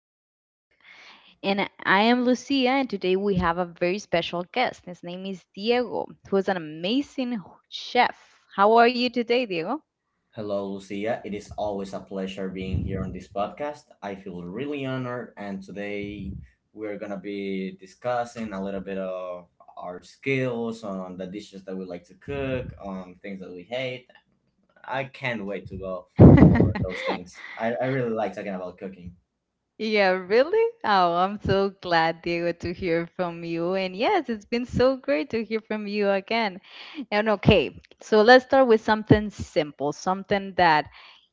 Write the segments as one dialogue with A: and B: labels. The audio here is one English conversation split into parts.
A: we cook. And I am Lucia, and today we have a very special guest. His name is Diego, who is an amazing chef. How are you today, Diego?
B: Hello, Lucia. It is always a pleasure being here on this podcast. I feel really honored, and today we're gonna be discussing a little bit of our skills on the dishes that we like to cook, on things that we hate. I can't wait to go all over those things. I really like talking about cooking.
A: Yeah, really? Oh, I'm so glad, Diego, to hear from you. And yes, it's been so great to hear from you again. And okay, so let's start with something simple, something that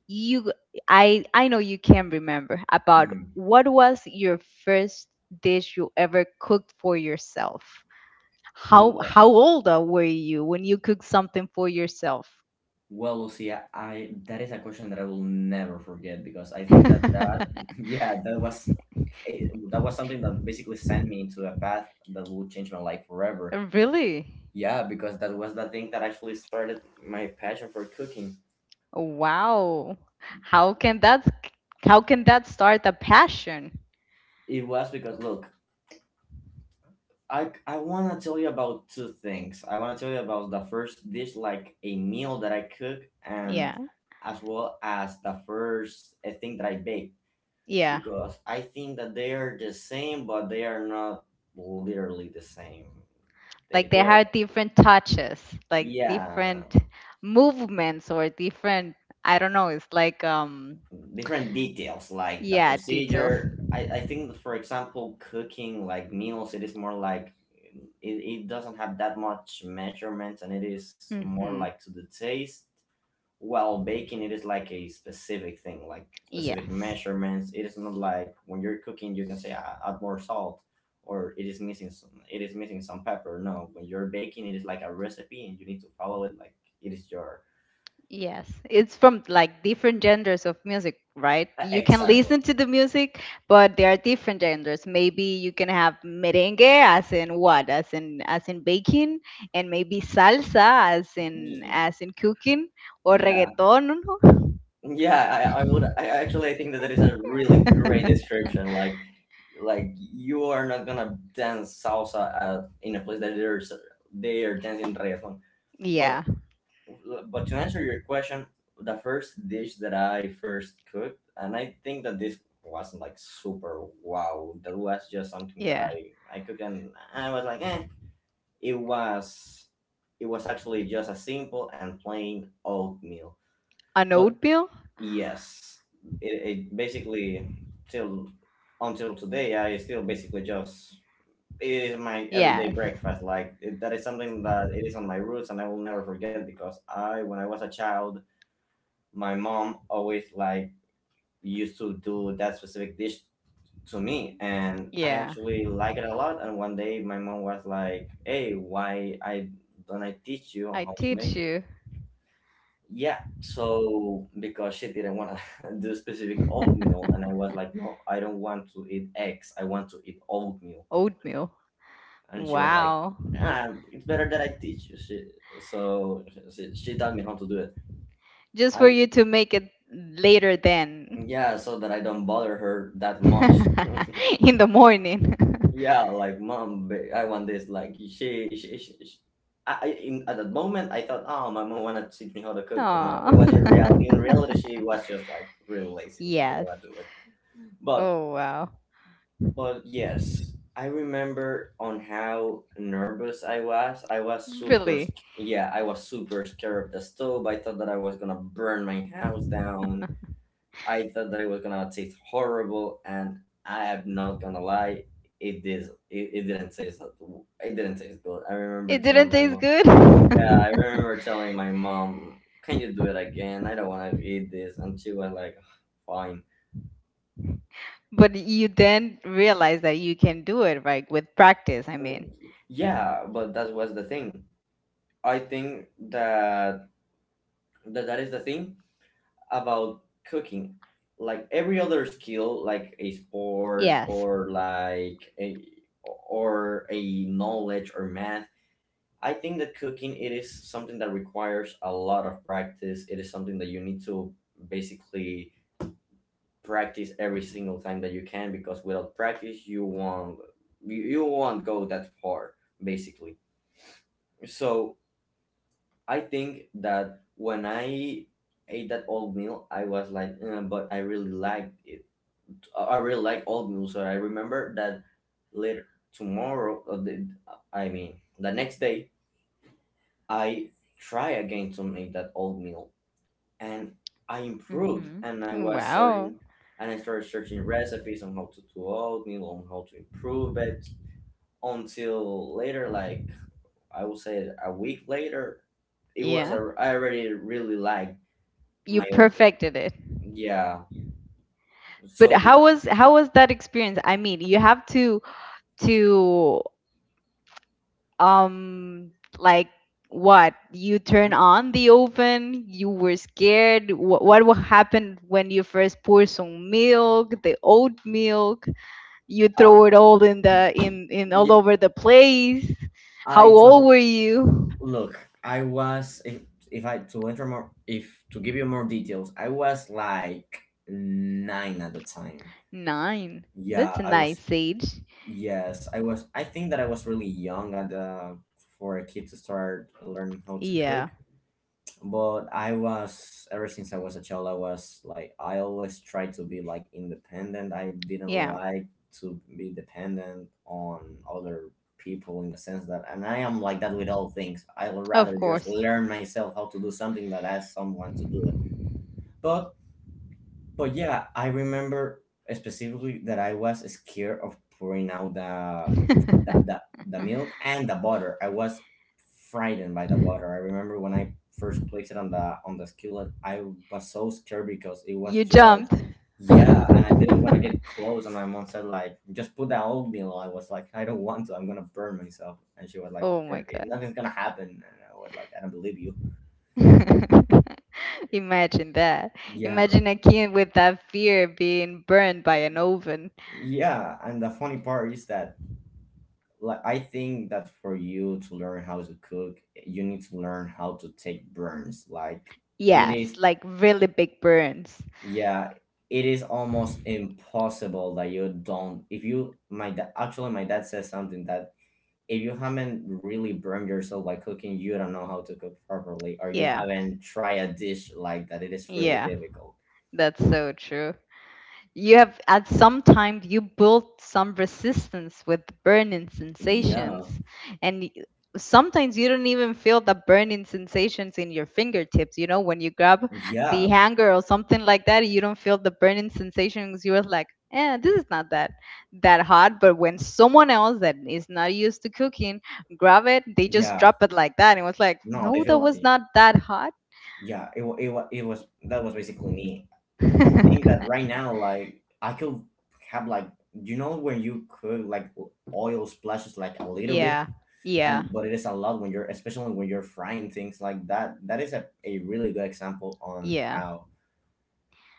A: you I know you can remember about what was your first dish you ever cooked for yourself? How
B: Mhm.
A: how old were you when you cooked something for yourself?
B: Well, Lucia, I that is a question that I will never forget because I think that yeah that was something that basically sent me into a path that would change my life forever.
A: Really?
B: Yeah, because that was the thing that actually started my passion for cooking.
A: Wow. How can that how can that start a passion?
B: It was because look, I want to tell you about two things. I want to tell you about the first dish, like a meal that I cook, and
A: Yeah.
B: as well as the first thing that I bake
A: Yeah.
B: because I think that they are the same, but they are not literally the same. They
A: Like they
B: they are
A: have different touches, like
B: yeah
A: different movements or different, I don't know, it's like
B: different details like the
A: yeah, details.
B: procedure. I think that, for example, cooking like meals, it is more like it, it doesn't have that much measurements and it is more like
A: Mhm.
B: to the taste, while baking it is like a specific thing, like specific
A: Yes.
B: measurements. It is not like when you're cooking you can say, "Ah, add more salt, or it is missing some it is missing some pepper." No, when you're baking it is like a recipe and you need to follow it, like it is your...
A: Yes, it's from like different genders of music, right? You can
B: Exactly.
A: listen to the music, but there are different genders. Maybe you can have merengue as in what? As in baking, and maybe salsa as in
B: Y-
A: as in cooking, or
B: yeah,
A: reggaeton.
B: yeah, I would, I actually think that that is a really great description, like you are not gonna dance salsa in a place that there's they are dancing reggaeton, but...
A: Yeah.
B: But to answer your question, the first dish that I first cooked, and I think that this wasn't like super wow. That was just something that
A: Yeah.
B: I cooked, and I was like, eh. It was it was actually just a simple and plain oatmeal.
A: An
B: But
A: oatmeal?
B: yes, it, it basically till until today, I still basically just, it is my everyday
A: Yes.
B: breakfast. Like that is something that it is on my roots, and I will never forget because I, when I was a child, my mom always like used to do that specific dish to me, and I
A: Yeah.
B: actually like it a lot. And one day my mom was like, "Hey, why I don't I teach you
A: I
B: how to
A: teach
B: make it?"
A: you.
B: Yeah, so because she didn't want to do specific oatmeal, and I was like, "No, I don't want to eat eggs, I want to eat oatmeal."
A: Oatmeal.
B: And she was like,
A: Wow.
B: "Ah, it's better that I teach you." So she taught me how to do it.
A: Just for
B: I
A: you to make it later then.
B: Yeah, so that I don't bother her that much.
A: In the morning.
B: Yeah, like, "Mom, ba- I want this." Like she, I- in at that moment, I thought, oh, my mom wanna teach me how to cook, but no,
A: Aw.
B: it was in real. in reality, she was just like really lazy and she didn't
A: Yes.
B: want to do it. But,
A: Oh, wow.
B: but yes, I remember on how nervous I was. I was
A: Really?
B: yeah, I was super scared of the stove. I thought that I was gonna burn my house down. I thought that it was gonna taste horrible, and I am not gonna lie, it did. It, it didn't taste. It didn't taste good. I
A: It
B: remember
A: didn't
B: telling my
A: taste
B: mom.
A: good?
B: Yeah, I remember telling my mom, "Can you do it again? I don't want to eat this." And she was like, "Fine."
A: But you then realize that you can do it, right? With practice, I
B: I mean,
A: mean.
B: yeah, but that was the thing. I think that that is the thing about cooking, like every other skill, like a sport
A: Yes.
B: or like a, or a knowledge, or math. I think that cooking, it is something that requires a lot of practice. It is something that you need to basically practice every single time that you can, because without practice you won't, you won't go that far, basically. So I think that when I ate that old meal, I was like, but I really liked it. I really like old music." I remember that later, tomorrow, or the, I mean, the next day, I try again to make that old meal, and I improved, and I
A: Mm-hmm.
B: was
A: Wow.
B: starting, and I started searching recipes on how to do oatmeal, on how to improve it. Until later, like, I would say, a week later,
A: Yeah.
B: I already really liked
A: You
B: my oatmeal.
A: perfected it.
B: Yeah.
A: But
B: So.
A: how was that experience? I mean, you have to to um like, what, you turn
B: Mhm.
A: on the oven, you were scared. What, will happen when you first pour some milk, the oat milk, you
B: Ah,
A: throw it all in all
B: yeah,
A: over the place. How
B: I
A: old
B: totally...
A: were you?
B: Look, I was if I to enter more if to give you more details, I was like nine at the time.
A: 9? That's
B: Yeah,
A: a
B: I was.
A: nice age.
B: Yes, I was. I think that I was really young at the, for a kid to start learning how to cook.
A: Yeah,
B: But I was, ever since I was a child I was like, I always tried to be like independent. I didn't
A: yeah,
B: like to be dependent on other people, in the sense that, and I am like that with all things. I would
A: of
B: rather just
A: course.
B: learn myself how to do something that ask someone to do it. but but yeah, I remember specifically that I was scared of pouring out the milk and the butter. I was frightened by the butter. I remember when I first placed it on the skillet, I was so scared because it was
A: You
B: just...
A: jumped.
B: yeah, and I didn't want to get close. And my mom said like, "Just put the oatmeal." I was like, "I don't want to. I'm gonna burn myself." And she was like,
A: Oh my
B: "Nothing's gonna happen." And I was like, "I don't believe you."
A: god. Imagine that.
B: Yeah,
A: Imagine a kid with that fear being burned by an oven.
B: yeah. And the funny part is that, like, I think that for you to learn how to cook, you need to learn how to take burns. Like, it
A: Yes,
B: is,
A: like really big burns.
B: yeah, it is almost impossible that you don't. If you, my dad, actually, my dad says something that if you haven't really burned yourself by cooking, you don't know how to cook properly, or you
A: Yeah,
B: haven't tried a dish like that. It is really
A: yeah,
B: difficult.
A: that's so true. You have, at some time, you built some resistance with burning sensations,
B: Yeah,
A: and sometimes you don't even feel the burning sensations in your fingertips. You know, when you grab the
B: yeah,
A: hanger or something like that, you don't feel the burning sensations. You're like, eh, this is not that hot. But when someone else that is not used to cooking grab it, they just
B: yeah.
A: drop it like that, and it was like,
B: No, they
A: no, that
B: feel...
A: was not that hot.
B: yeah. It was, that was basically me. I think that right now, like, I could have like, you know when you cook, like, oil splashes, like a little
A: Yeah,
B: bit,
A: yeah,
B: and but it is a lot when you're, especially when you're frying things like that. That is a really good example on
A: yeah.
B: how,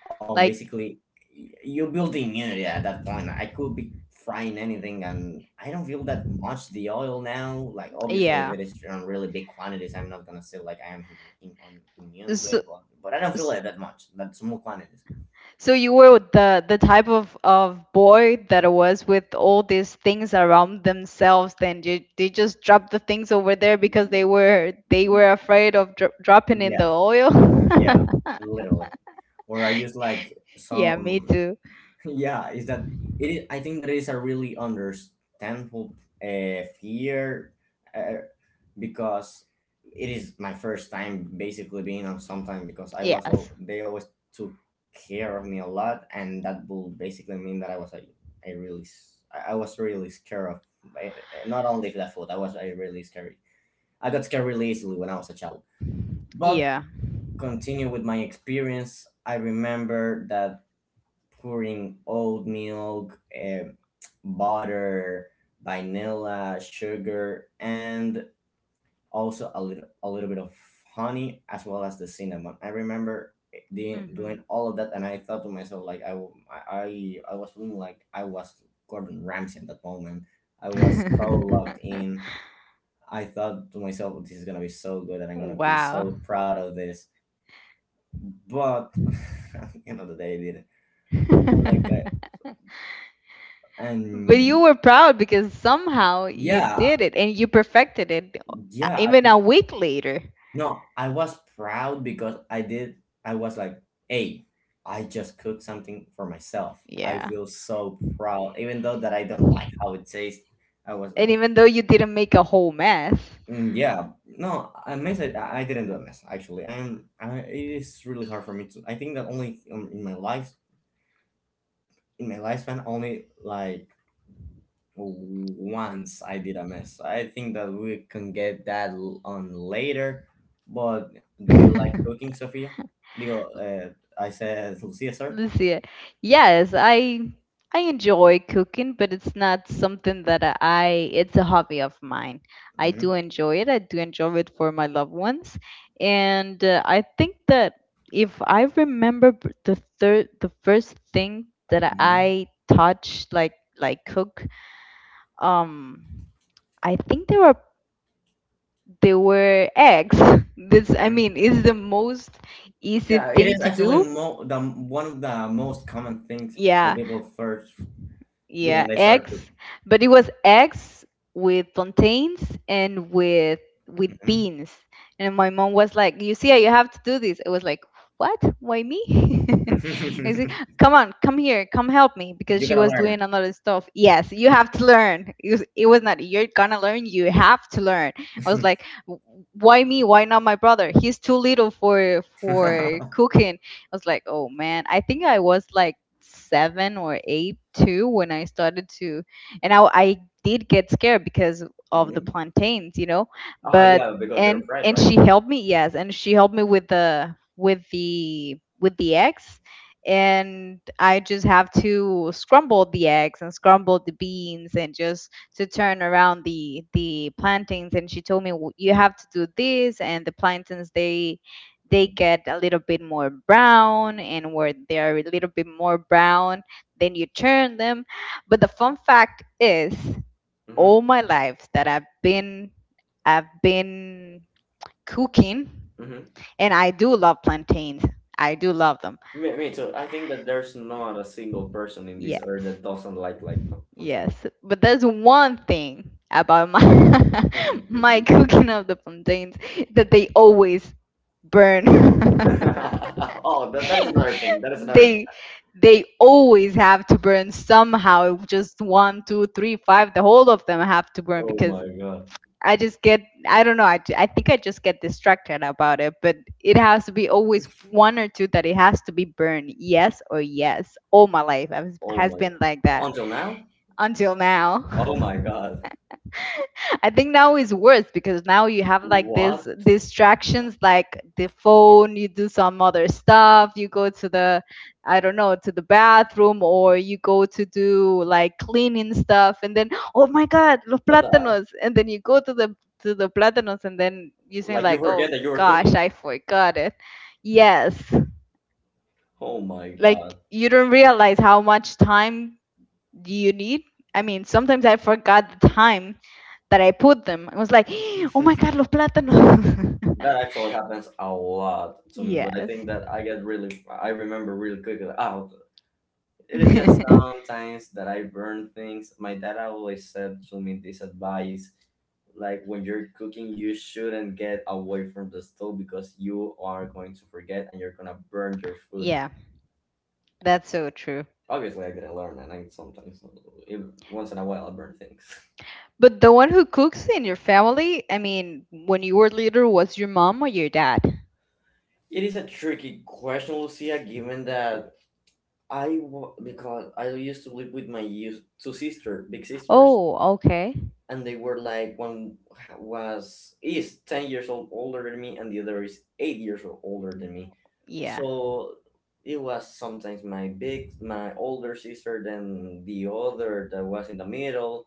B: on
A: Like,
B: basically you build immunity at that point. I could be frying anything, and I don't feel that much the oil now. Like, obviously, if
A: yeah.
B: it is on really big quantities, I'm not gonna say like I am im- im- on immune to
A: So,
B: it, but I don't feel
A: s-
B: it that much. That small quantities...
A: so you were the type of boy that was with all these things around themselves. Then you, they just dropped the things over there because they were afraid of dropping in the
B: Yeah,
A: oil.
B: yeah, literally. Or I use like
A: Yeah, me
B: some.
A: too.
B: Yeah, is that it? Is, I think that is a really understandable fear, uh, because it is my first time basically being on sometime because I was,
A: Yes.
B: all they always took care of me a lot, and that will basically mean that I was a, I was really scared of not only the food. I was a really scary. I got scared really easily when I was a child, but,
A: Yeah.
B: continue with my experience, I remember that pouring oat milk, butter, vanilla, sugar, and also a little bit of honey, as well as the cinnamon. I remember
A: Hmm.
B: doing all of that, and I thought to myself like I was feeling like I was Gordon Ramsay at that moment. I was so locked in. I thought to myself, this is gonna be so good, and I'm gonna be
A: Wow.
B: so proud of this. But at the end of the day, I didn't. And like, I,
A: But
B: and
A: you were proud because somehow you
B: yeah,
A: did it and you perfected it,
B: yeah.
A: even a week later.
B: No, I was proud because I did. I was like, hey, I just cooked something for myself. I
A: Yeah.
B: feel so proud, even though that I don't like how it tastes. I was
A: And
B: like,
A: even though you didn't make a whole mess.
B: "Mm, yeah, no, I mess. I didn't do a mess, actually. It is really hard for me to. I think that only in my life, in my lifespan, only like once I did a mess. I think that we can get that on later. But do you like cooking, Sophia? Digo, I said Lucia, sir.
A: Lucia, yes, I enjoy cooking, but it's not something that I, it's a hobby of mine. I do
B: Hmm.
A: enjoy it. I do enjoy it for my loved ones, and I think that if I remember, the first thing that
B: Hmm.
A: I touched, like cook, um, I think they were eggs. This, I
B: Hmm.
A: mean, is the most easy
B: Yeah, it
A: thing
B: is
A: to
B: actually
A: do.
B: the one of the most common things that
A: Yeah,
B: people first do
A: yeah,
B: when they start
A: eggs,
B: cooking.
A: but it was eggs with plantains and with
B: Hmm.
A: beans. And my mom was like, "You see, you have to do this." I was like, "What? Why me?" I said, "Come on, come here, come help me," because
B: You
A: she
B: gotta
A: was doing
B: learn.
A: another stuff. Yes, you have to learn. It was not you're gonna learn, you have to learn. I was like, "Why me? Why not my brother? He's too little for cooking." I was like, "Oh man, I think I was like," 7 or 8 too when I started to, and I did get scared because of the
B: Hmm.
A: plantains, you know.
B: Oh
A: But
B: yeah, because they're
A: and
B: afraid,
A: and
B: right?
A: she helped me, yes, and she helped me with the eggs, and I just have to scramble the eggs and scramble the beans and just to turn around the plantains. And she told me, "You have to do this, and the plantains, they
B: Hmm.
A: get a little bit more brown, and where they are a little bit more brown, then you turn them." But the fun fact is,
B: Hmm.
A: all my life that I've been cooking,
B: Hmm.
A: and I do love plantains, I do love them.
B: Me too. I think that there's not a single person in this earth
A: Yes.
B: that doesn't like plantain.
A: Yes, but there's one thing about my my cooking of the plantains, that they always burn.
B: Oh, that is another thing. That is another thing.
A: they they always have to burn somehow, just one two three five, the whole of them have to burn,
B: Oh
A: because
B: my god.
A: I just get I don't know, I think I just get distracted about it, but it has to be always one or two that it has to be burned, yes or yes. All my life I've,
B: Oh
A: has
B: my
A: been
B: god.
A: like that.
B: Until now.
A: Until now.
B: Oh my god.
A: I think now is worse because now you have like this
B: What?
A: distractions like the phone, you do some other stuff, you go to the, I don't know, to the bathroom, or you go to do like cleaning stuff, and then, oh my god, los
B: Uh, the- uh,
A: plátanos, and then you go to the plátanos, and then you think
B: Like you
A: like, oh
B: forget that you were
A: gosh,
B: cooking.
A: I forgot it. Yes.
B: Oh my
A: Like,
B: god.
A: you don't realize how much time do you need. I mean, sometimes I forgot the time that I put them. I was like, oh my God, los plátanos.
B: That actually happens a lot to me. But I
A: Yes.
B: think that I get really. I remember really quickly. Oh, it is just sometimes that I burn things. My dad always said to me this advice, like when you're cooking, you shouldn't get away from the stove because you are going to forget and you're gonna burn your food.
A: Yeah, that's so true.
B: Obviously, I didn't learn, and I sometimes, even once in a while, I burn things.
A: But the one who cooks in your family, I mean, when you were little, was your mom or your dad?
B: It is a tricky question, Lucia, given that because I used to live with my two sister, big sisters,
A: Oh, okay.
B: and they were like one was is 10 years old older than me, and the other is 8 years old older than me,
A: Yeah.
B: so it was sometimes my older sister than the other that was in the middle,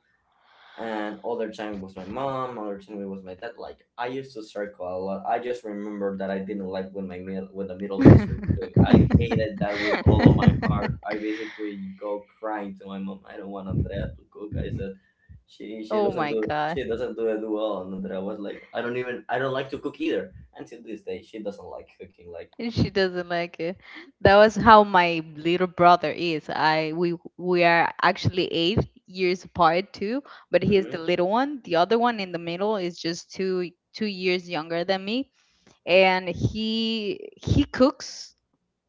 B: and other time was my mom, other time it was my dad. Like, I used to circle a lot. I just remember that I didn't like when the middle sister cooked. I hated that with all of my heart. I basically go crying to my mom, "I don't want Andrea to cook," I said. she she
A: Oh
B: doesn't
A: my
B: do
A: God.
B: she doesn't do it well. And Andrea was like, I don't like to cook either." Until this day she doesn't like cooking, like...
A: She doesn't like it. That was how my little brother is. I we are actually 8 years apart too, but he is the
B: Mhm.
A: little one. The other one in the middle is just two years younger than me, and he cooks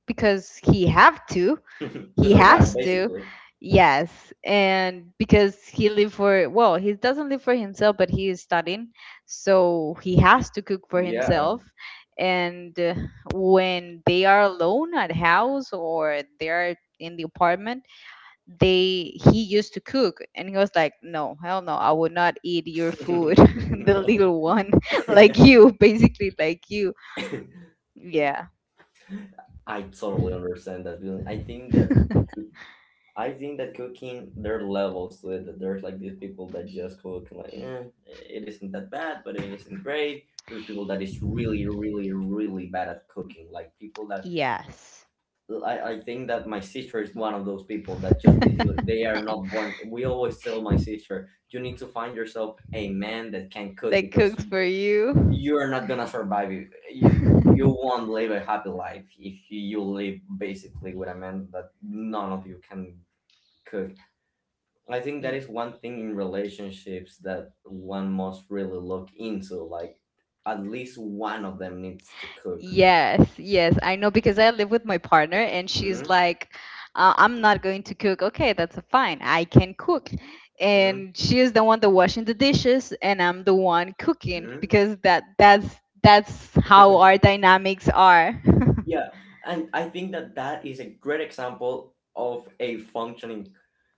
A: because he have to, he
B: Just her bad,
A: has to.
B: basically.
A: Yes, and because he live for, well, he doesn't live for himself, but he is studying, so he has to cook for
B: Yeah.
A: himself. And when they are alone at house, or they are in the apartment, they he used to cook, and he was like, no, hell no, I would not eat your food. The little one. Like, you basically, like, you yeah.
B: I totally understand that feeling. Coo- I think that cooking, there are levels to it. That there's like these people that just cook like it isn't that bad, but it isn't great. There's people that is really, really, really bad at cooking. Like people that...
A: Yes.
B: I think that my sister is one of those people that just basically they are not born. We always tell my sister, "You need to find yourself a man that can cook
A: That
B: because
A: cooks for you.
B: you're not gonna survive if
A: Y-
B: you won't live a happy life if you live basically with a man that none of you can cook." I think that is one thing in relationships that one must really look into. Like, at least one of them needs to cook.
A: Yes, yes, I know, because I live with my partner, and she's
B: Hmm.
A: like, I'm not going to cook. Okay, that's fine. I can cook.
B: Hmm.
A: And she is the one that washing the dishes, and I'm the one cooking,
B: Hmm.
A: because that's how our dynamics are.
B: Yeah, and I think that that is a great example of a functioning,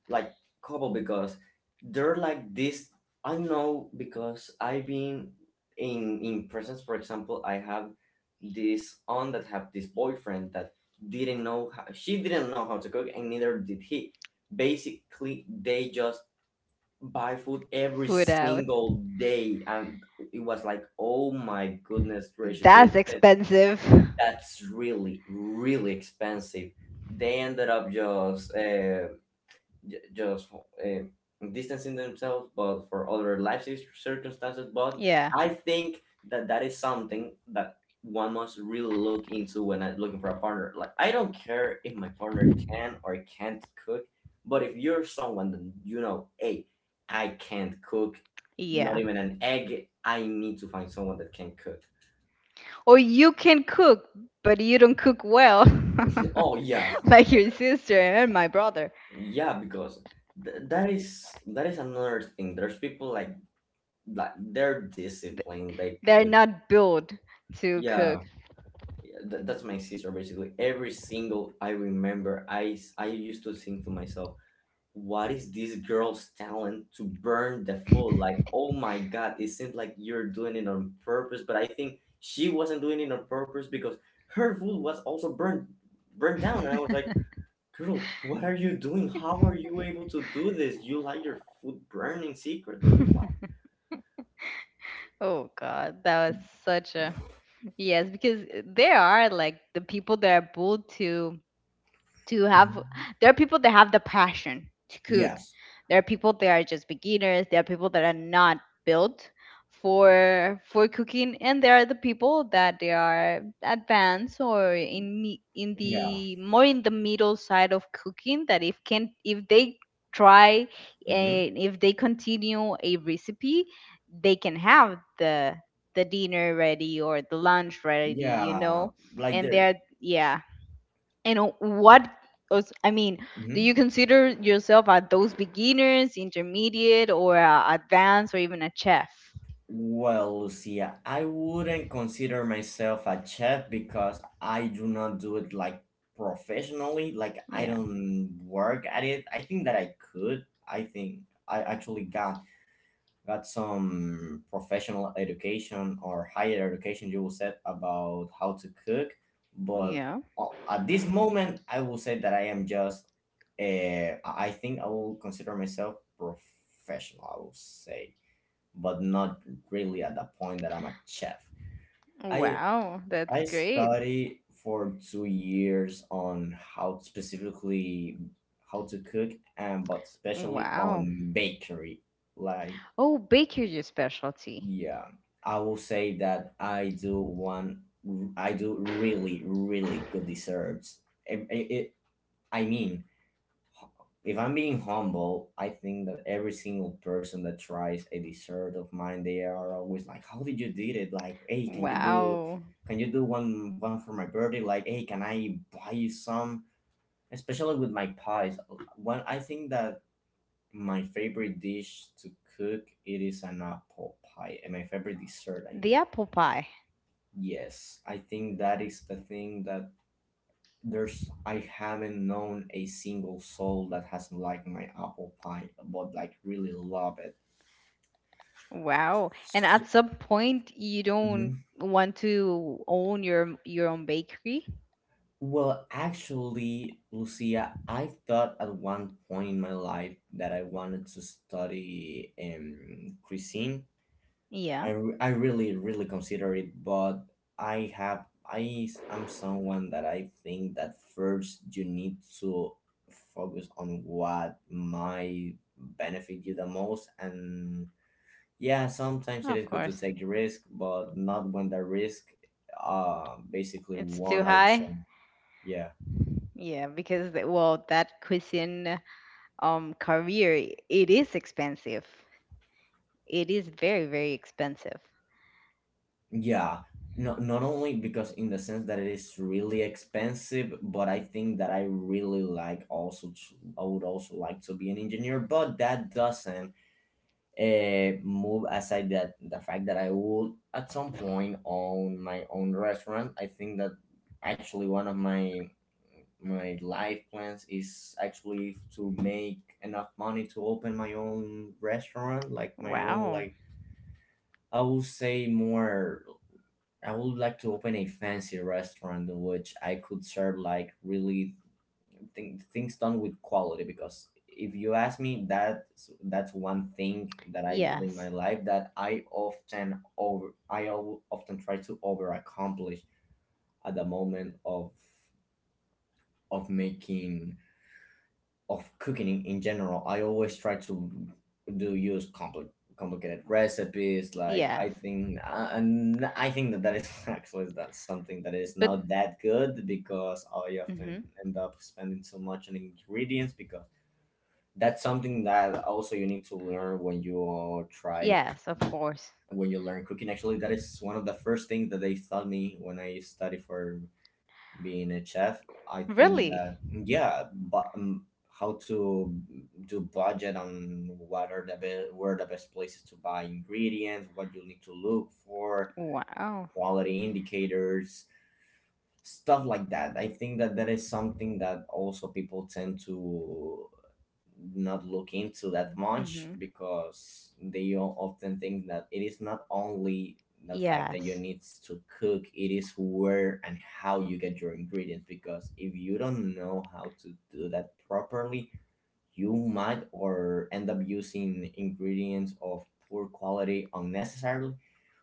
B: like, couple because they're like this. I know because I've been in presence. For example, I have this aunt that have this boyfriend that didn't know how, she didn't know how to cook, and neither did he. Basically, they just buy food every
A: Food out.
B: single day, and it was like, oh my goodness gracious, this
A: That's expensive.
B: that's really really expensive. They ended up just distancing themselves, but for other life circumstances, but
A: Yeah.
B: I think that that is something that one must really look into when looking for a partner. Like, I don't care if my partner can or can't cook, but if you're someone that hey, I can't cook, not
A: Yeah.
B: even an egg, I need to find someone that can cook.
A: Or you can cook, but you don't cook well.
B: Oh, yeah.
A: Like your sister and my brother.
B: Yeah, because that is another thing. There's people like they're disciplined. They
A: They're
B: could...
A: not built to cook.
B: Yeah. Yeah, that's my sister basically. Every single I remember, I used to think to myself, "What is this girl's talent to burn the food? Like, oh my god, it seems like you're doing it on purpose." But I think she wasn't doing it on purpose because her food was also burned down, and I was like, "Girl, what are you doing? How are you able to do this? You like your food burning secret or what?"
A: Oh God, that was such a, yes, because there are like the people that are built to have, there are people that have the passion to cook,
B: Yes.
A: there are people that are just beginners, there are people that are not built for cooking, and there are the people that they are advanced, or in
B: Yeah.
A: the more in the middle side of cooking, that if can, if they try,
B: Hmm.
A: and if they continue a recipe, they can have the dinner ready or the lunch ready, you
B: Yeah.
A: know.
B: Like
A: And
B: the...
A: they're, yeah. And what I mean, do you
B: Mhm.
A: consider yourself at those beginners, intermediate, or advanced, or even a chef?
B: Well, Lucia, I wouldn't consider myself a chef because I do not do it like professionally. Like, I
A: Yeah.
B: don't work at it. I think that I could. I think I actually got some professional education, or higher education you will say, about how to cook, but
A: Yeah.
B: at this moment I will say that I am just, I think I will consider myself professional, I will say, but not really at the point that I'm a chef. i
A: Wow,
B: i
A: that's great.
B: study for 2 years on how specifically how to cook, and but especially
A: Wow.
B: on bakery. Like,
A: Oh, bakery, your specialty.
B: yeah, I will say that I do really, really good desserts. It, it, it- I mean, if I'm being humble, I think that every single person that tries a dessert of mine, they are always like, "How did you did it? Like, hey, can you do,
A: Wow.
B: can you do one for my birthday? Like, hey, can I buy you some?" Especially with my pies, one I think that my favorite dish to cook, it is an apple pie, and my favorite dessert, I mean.
A: The apple pie.
B: Yes, I think that is the thing, that there's... I haven't known a single soul that hasn't liked my apple pie but like really love it.
A: Wow. And
B: S-
A: at some point you
B: Mhm.
A: don't want to own your own bakery?
B: Well, actually, Lucia, I thought at one point in my life that I wanted to study cuisine. I,
A: Yeah,
B: re- I really really consider it, but I am someone that I think that first you need to focus on what might benefit you the most, and yeah, sometimes it
A: of
B: is good to
A: course.
B: take the risk, but not when the risk, basically,
A: It's too
B: one
A: high.
B: option. Yeah.
A: Yeah, because the, well, that cuisine career, it is expensive, it is very expensive.
B: Yeah, not only because in the sense that it is really expensive, but I think that I really like also to, I would also like to be an engineer, but that doesn't move aside that the fact that I would at some point own my own restaurant. I think that actually one of my life plans is actually to make enough money to open my own restaurant, like my own,
A: Wow.
B: like I would say more, I would like to open a fancy restaurant in which I could serve like really things done with quality, because if you ask me, that's one thing that I do in
A: Yes.
B: my life that I often try to over accomplish at the moment of making of cooking in general. I always try to do use complicated recipes. Like
A: Yes,
B: I think, and I think that that is actually that something that is
A: but
B: not that good, because I often
A: hmm.
B: end up spending so much on ingredients, because that's something that also you need to learn when you try
A: Yes, of course.
B: when you learn cooking. Actually, that is one of the first things that they taught me when I studied for being a chef, I think
A: Really.
B: that, yeah, but how to do budget on what are where the best places to buy ingredients, what you need to look for,
A: Wow.
B: quality indicators, stuff like that. I think that that is something that also people tend to not look into that much
A: Hmm.
B: because they often think that it is not only the fact that you
A: Yes.
B: need to cook, it is where and how you get your ingredients. Because if you don't know how to do that properly, you might or end up using ingredients of poor quality unnecessarily,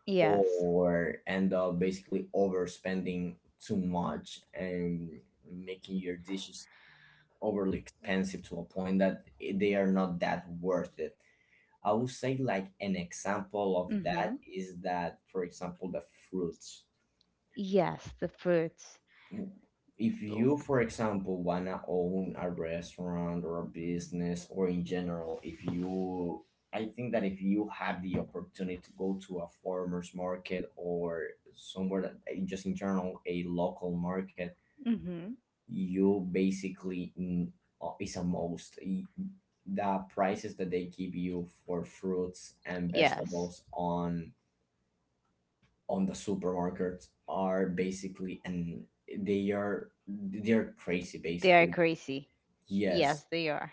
A: Yes.
B: or end up basically overspending too much and making your dishes overly expensive to a point that they are not that worth it. I would say like an example of that
A: Hmm.
B: is that, for example, the fruits.
A: Yes, the fruits.
B: If you, for example, wanna own a restaurant or a business, or in general, if you I think that if you have the opportunity to go to a farmer's market or somewhere that just in general a local market,
A: Hmm.
B: you basically, is a most y- the prices that they give you for fruits and
A: Yes,
B: vegetables on the supermarkets are basically... and they're crazy
A: they are
B: basically.
A: crazy. Yes,
B: Yes.
A: they are.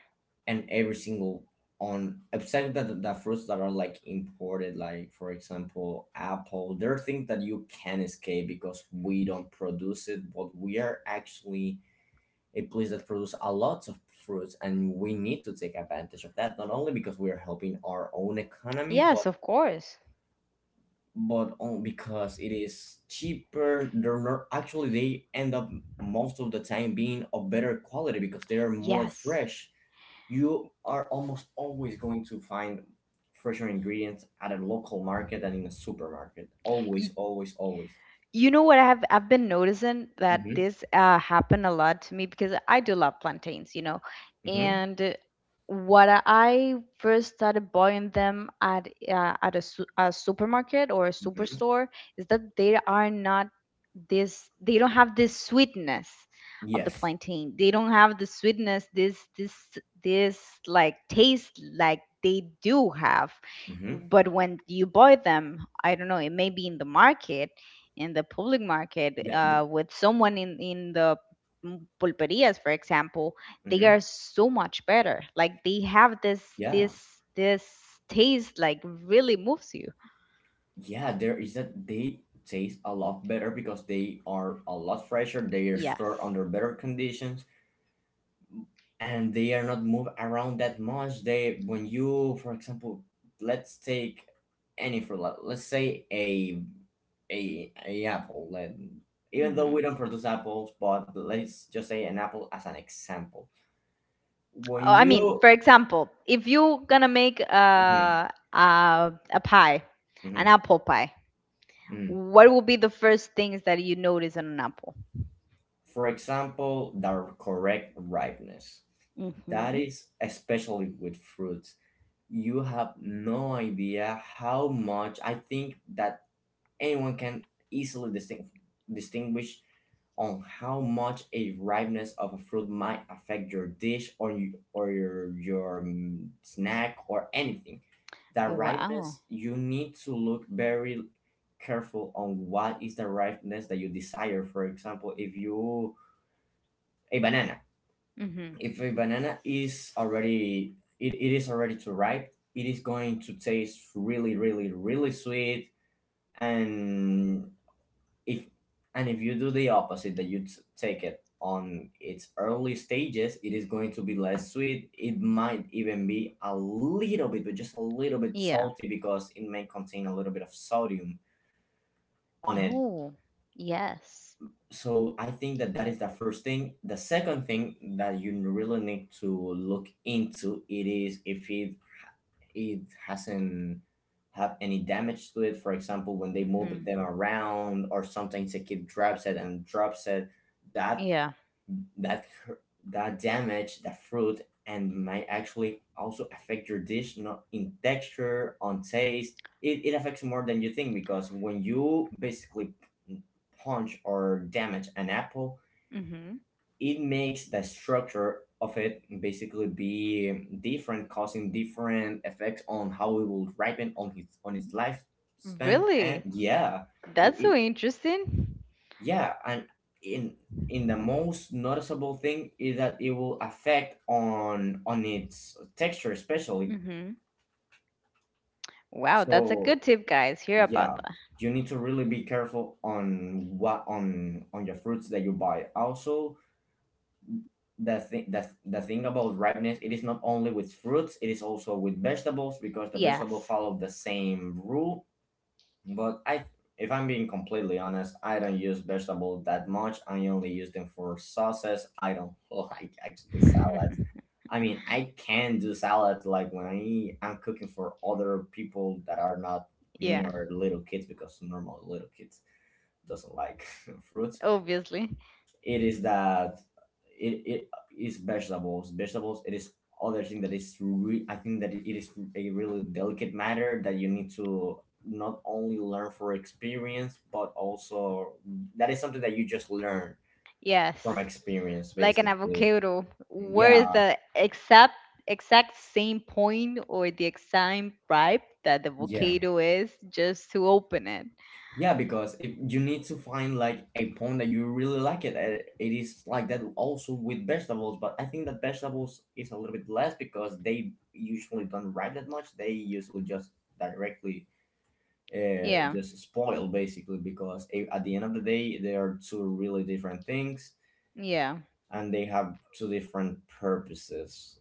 B: And every single on except that the fruits that are like imported, like for example apple, there are things that you can escape because we don't produce it, but we are actually a place that produces a lot of fruits, and we need to take advantage of that, not only because we are helping our own economy, but
A: Yes, of course.
B: because it is cheaper, they're not, actually they end up most of the time being of better quality because they are more
A: Yes.
B: fresh. You are almost always going to find fresher ingredients at a local market than in a supermarket. Always,
A: Y-
B: always, always.
A: You know what, I've been noticing that
B: Mm-hmm,
A: this, happened a lot to me because I do love plantains,
B: mm-hmm,
A: and what I first started buying them at, at a supermarket or a
B: mm-hmm.
A: superstore, is that they are not this, they don't have this sweetness of the
B: Yes.
A: plantain. They don't have the sweetness, this like taste like they do have.
B: Mm-hmm.
A: But when you buy them, I don't know, it may be in the market, in the public market,
B: Yeah.
A: with someone in the, pulperias, for example. They are
B: Mhm.
A: so much better. Like, they have
B: Yeah.
A: this this taste, like, really moves you.
B: Yeah, there is that they taste a lot better because they are a lot fresher. They are stored
A: Yes.
B: under better conditions, and they are not moved around that much. They, when you, for example, let's take any fruit. Let's say a apple. Even though
A: Hmm.
B: we don't produce apples, but let's just say an apple as an example. When
A: Oh, I mean,
B: you,
A: for example, if you gonna make
B: Mhm,
A: a pie, an
B: mhm,
A: apple pie,
B: mhm.
A: what will be the first things that you notice on an apple?
B: For example, the correct ripeness, that
A: Mm-hmm.
B: is especially with fruits. You have no idea how much I think that anyone can easily distinguish on how much a ripeness of a fruit might affect your dish or your snack or anything. The
A: Wow.
B: ripeness, you need to look very careful on what is the ripeness that you desire. For example, if you a banana,
A: Mm-hmm.
B: if a banana is already it is already too ripe, it is going to taste really really really sweet, and if if you do the opposite, that you take it on its early stages, it is going to be less sweet. It might even be a little bit, but just a little bit
A: Yeah.
B: salty, because it may contain a little bit of sodium on it.
A: Oh, yes.
B: So I think that is the first thing. The second thing that you really need to look into it is if it hasn't have any damage to it. For example, when they move
A: Mm-hmm.
B: them around or sometimes the kid drops it and drops it, that
A: Yeah.
B: that hur- that damage the fruit and might actually also affect your dish, not in texture, on taste. It affects more than you think, because when you basically punch or damage an apple,
A: Mhm.
B: it makes the structure of it basically be different, causing different effects on how it will ripen on his on its lifespan.
A: Really?
B: And yeah, it,
A: That's so
B: it,
A: interesting.
B: yeah, and in in the most noticeable thing is that it will affect on its texture, especially.
A: Mhm. Wow, that's a
B: So
A: good tip, guys. Hear about
B: yeah,
A: that.
B: you need to really be careful on what on your fruits that you buy. Also, the thing about ripeness, it is not only with fruits, it is also with vegetables, because the vegetable
A: Yes.
B: follow the same rule. But I, if I'm being completely honest, I don't use vegetables that much. I only use them for sauces. I don't like actually salads. I mean, I can do salads, like when I'm cooking for other people that are not me
A: Yeah,
B: or little kids, because normal little kids doesn't like fruits.
A: obviously.
B: It is that it is vegetables, it is other thing that is I think that it is a really delicate matter that you need to not only learn for experience, but also that is something that you just learn from
A: Yes.
B: experience
A: Like an
B: basically.
A: avocado, where
B: Yeah
A: is the exact same point, or the exact ripe that the
B: Yeah.
A: avocado is just to open it?
B: Yeah, because if you need to find like a point that you really like it, uh, it is like that also with vegetables. But I think that vegetables is a little bit less because they usually don't ripe that much. They usually just directly
A: Yeah.
B: just spoil basically, because at the end of the day they are two really different things,
A: Yeah.
B: and they have two different purposes.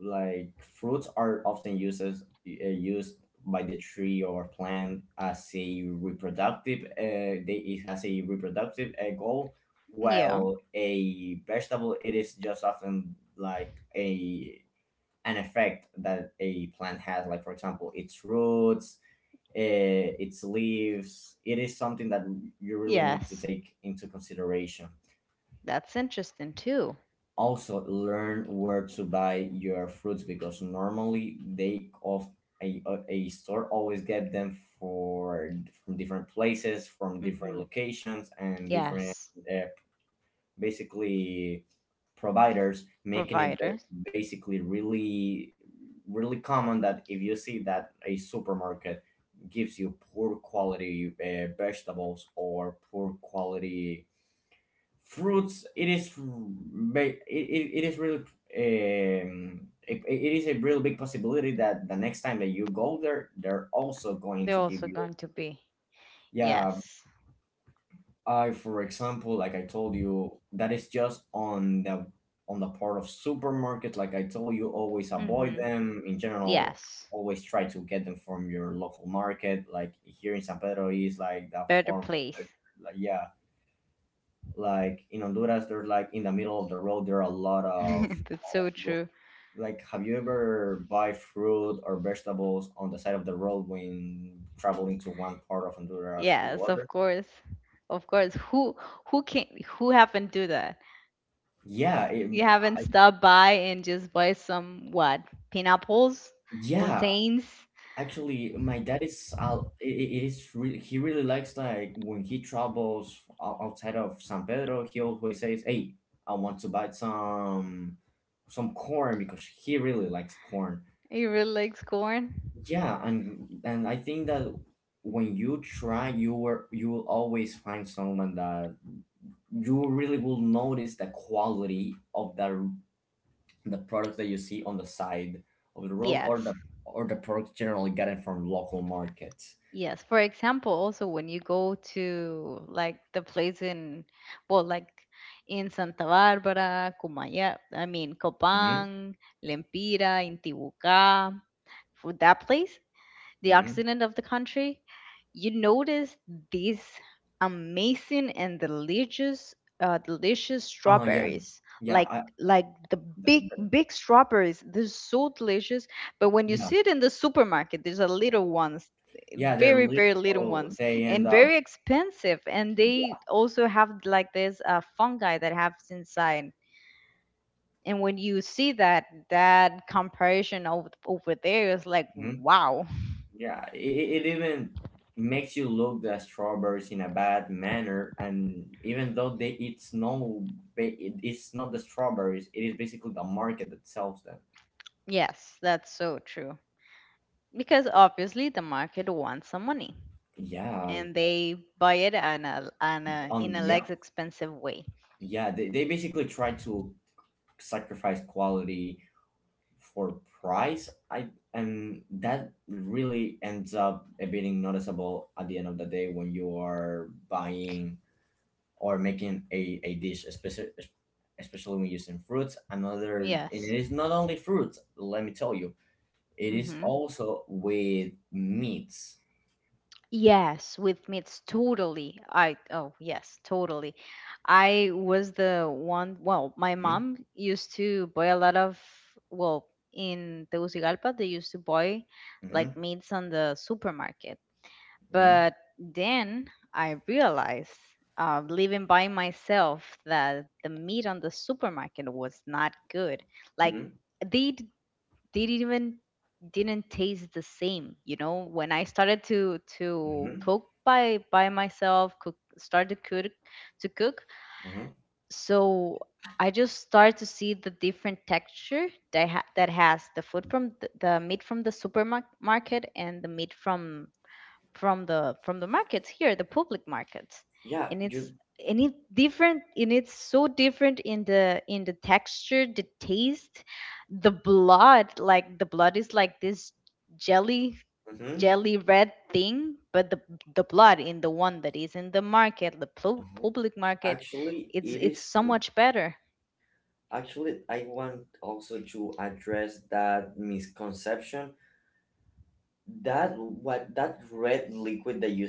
B: Like fruits are often used as, used by the tree or plant as a reproductive it has a reproductive goal,
A: Yeah.
B: while a vegetable, it is just often like a an effect that a plant has, like for example its roots, its leaves. It is something that you really need to
A: Yes.
B: take into consideration.
A: That's interesting too.
B: Also learn where to buy your fruits, because normally they of a store always get them for from different places, from different
A: Mhm.
B: locations and different
A: Yes.
B: uh, basically providers, making it
A: Providers.
B: basically really really common that if you see that a supermarket gives you poor quality vegetables or poor quality fruits, it is it is really it, it is a real big possibility that the next time that you go there they're also going
A: They're
B: to give
A: also
B: you.
A: going to be.
B: Yeah,
A: Yes.
B: I, for example, like I told you, that is just on the part of supermarkets. Like I told you, always avoid
A: Mm-hmm.
B: them in general.
A: Yes.
B: Always try to get them from your local market. Like here in San Pedro is like the
A: Better
B: form, like
A: place.
B: yeah. Like in Honduras, there's like in the middle of the road, there are a lot of
A: That's so
B: people.
A: true.
B: Like, have you ever buy fruit or vegetables on the side of the road when traveling to one part of Honduras to
A: Yes, of
B: other?
A: course. Of course. Who haven't do that?
B: Yeah, it,
A: You haven't
B: I,
A: stopped by and just buy some what? Pineapples?
B: yeah.
A: Plantains?
B: Actually, my dad is out. It is really, he really likes like when he travels outside of San Pedro. He always says, "Hey, I want to buy some corn because he really likes corn."
A: You really likes corn?
B: Yeah, and I think that when you try, you will always find someone that you really will notice the quality of the products that you see on the side of the road, or
A: Yes.
B: the products generally gotten from local markets.
A: Yes. For example, also when you go to like the place in, well, like in Santa Bárbara, Cumaya, I mean,
B: Mm-hmm.
A: Copán, Lempira, Intibucá, for that place, the
B: Mm-hmm.
A: occident of the country, you notice these amazing and delicious
B: Oh yeah,
A: strawberries,
B: yeah,
A: like, the
B: the,
A: big
B: the-
A: big strawberries. They're so delicious. But when you
B: yeah,
A: see it in the supermarket, there's a little ones,
B: yeah. They're
A: very, very little
B: little.
A: ones,
B: They end
A: and
B: up.
A: very expensive. And they
B: Yeah.
A: also have like this fungi that happens inside. And when you see that comparison over there, it's like,
B: Mm-hmm.
A: wow.
B: Yeah, it even makes you look the strawberries in a bad manner, and even though they it's no, ba- it- it's not the strawberries. It is basically the market that sells them.
A: Yes, that's so true. Because obviously the market wants some money,
B: Yeah,
A: and they buy it in a
B: yeah,
A: less expensive way.
B: yeah. They basically try to sacrifice quality for price. I and that really ends up being noticeable at the end of the day when you are buying or making a dish, especially when using fruits. Another, and
A: Yes.
B: it is not only fruits. Let me tell you, it is
A: Hmm.
B: also with meats.
A: Yes, with me it's totally. I Oh yes, totally. I was the one. Well, my
B: hmm
A: mom used to buy a lot of. Well, in Tegucigalpa, they used to buy like
B: hmm
A: meats on the supermarket.
B: hmm
A: But then I realized, living by myself, that the meat on the supermarket was not good. Like,
B: hmm
A: they d- they didn't even didn't taste the same. You know, when I started to
B: hmm
A: cook by myself, cook start to cook,
B: hmm
A: so I just start to see the different texture that that has the food from the meat from the supermarket, and the meat from the markets here, the public markets,
B: Yeah,
A: and it's
B: you.
A: and it different, and it's so different in the texture, the taste, the blood. Like, the blood is like this jelly
B: hmm
A: jelly red thing, but the blood in the one that is in the market, the
B: hmm
A: public market,
B: Actually
A: it's
B: it
A: it's
B: is,
A: so much better.
B: actually I want also to address that misconception, that what, that red liquid that you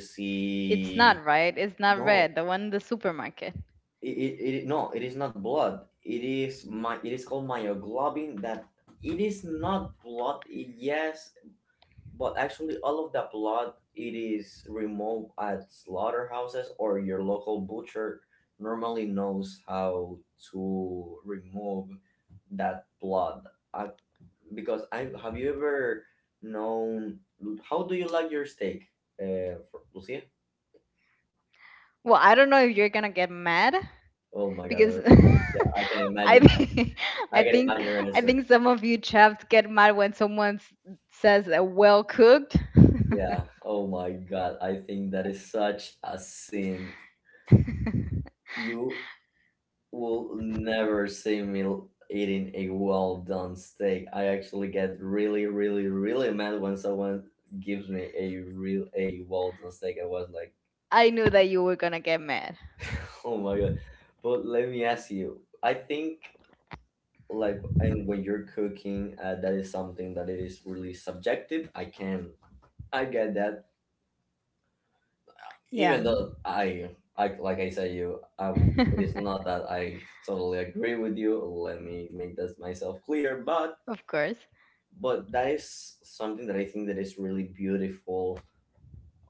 A: It's not
B: see,
A: right. It's not
B: no,
A: red. The one in the supermarket.
B: it is not blood. It is called myoglobin. That it is not blood, yes. But actually all of that blood, it is removed at slaughterhouses, or your local butcher normally knows how to remove that blood. I, because I have you ever known how do you like your steak, uh, for Lucia?
A: Well, I don't know if you're gonna get mad,
B: oh my
A: because
B: god Yeah, I can
A: I
B: imagine.
A: think
B: I
A: I
B: can
A: think
B: imagine your
A: I
B: answer.
A: think some of you chaps get mad when someone says well cooked.
B: Yeah. Oh my God. I think that is such a sin. You will never see me eating a well done steak. I actually get really, really, really mad when someone gives me a well done steak. I was like,
A: I knew that you were gonna get mad.
B: oh my God. But let me ask you. I think, like, and when you're cooking, that is something that it is really subjective. I can, I get that.
A: Yeah.
B: Even though I said you, it is not that I totally agree with you. Let me make this myself clear. But
A: Of course.
B: that is something that I think that is really beautiful,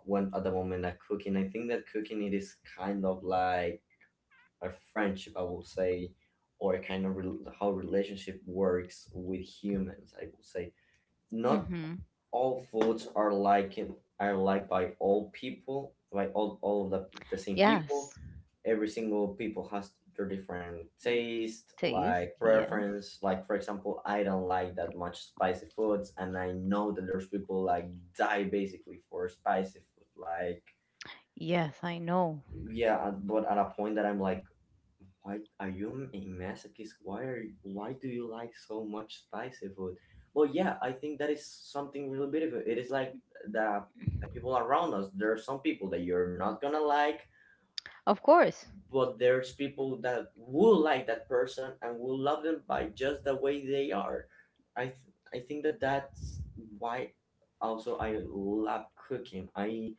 B: when at the moment of cooking. I think that cooking, it is kind of like a friendship, I will say, or a kind of rel how relationship works with humans. I will say not
A: Mm-hmm.
B: all foods are like, are liked by all people, by all of the same people.
A: Yes,
B: Every single people has their different taste,
A: taste.
B: like
A: Yes,
B: preference. Like for example, I don't like that much spicy foods, and I know that there's people like die basically for spicy food. Like
A: yes, I know.
B: yeah, but at a point that I'm like, why are you a masochist, why do you like so much spicy food? Well yeah, I think that is something really beautiful. It is like the, the people around us, there are some people that you're not gonna like,
A: Of course.
B: but there's people that will like that person and will love them by just the way they are. i th- I think that that's why also I love cooking.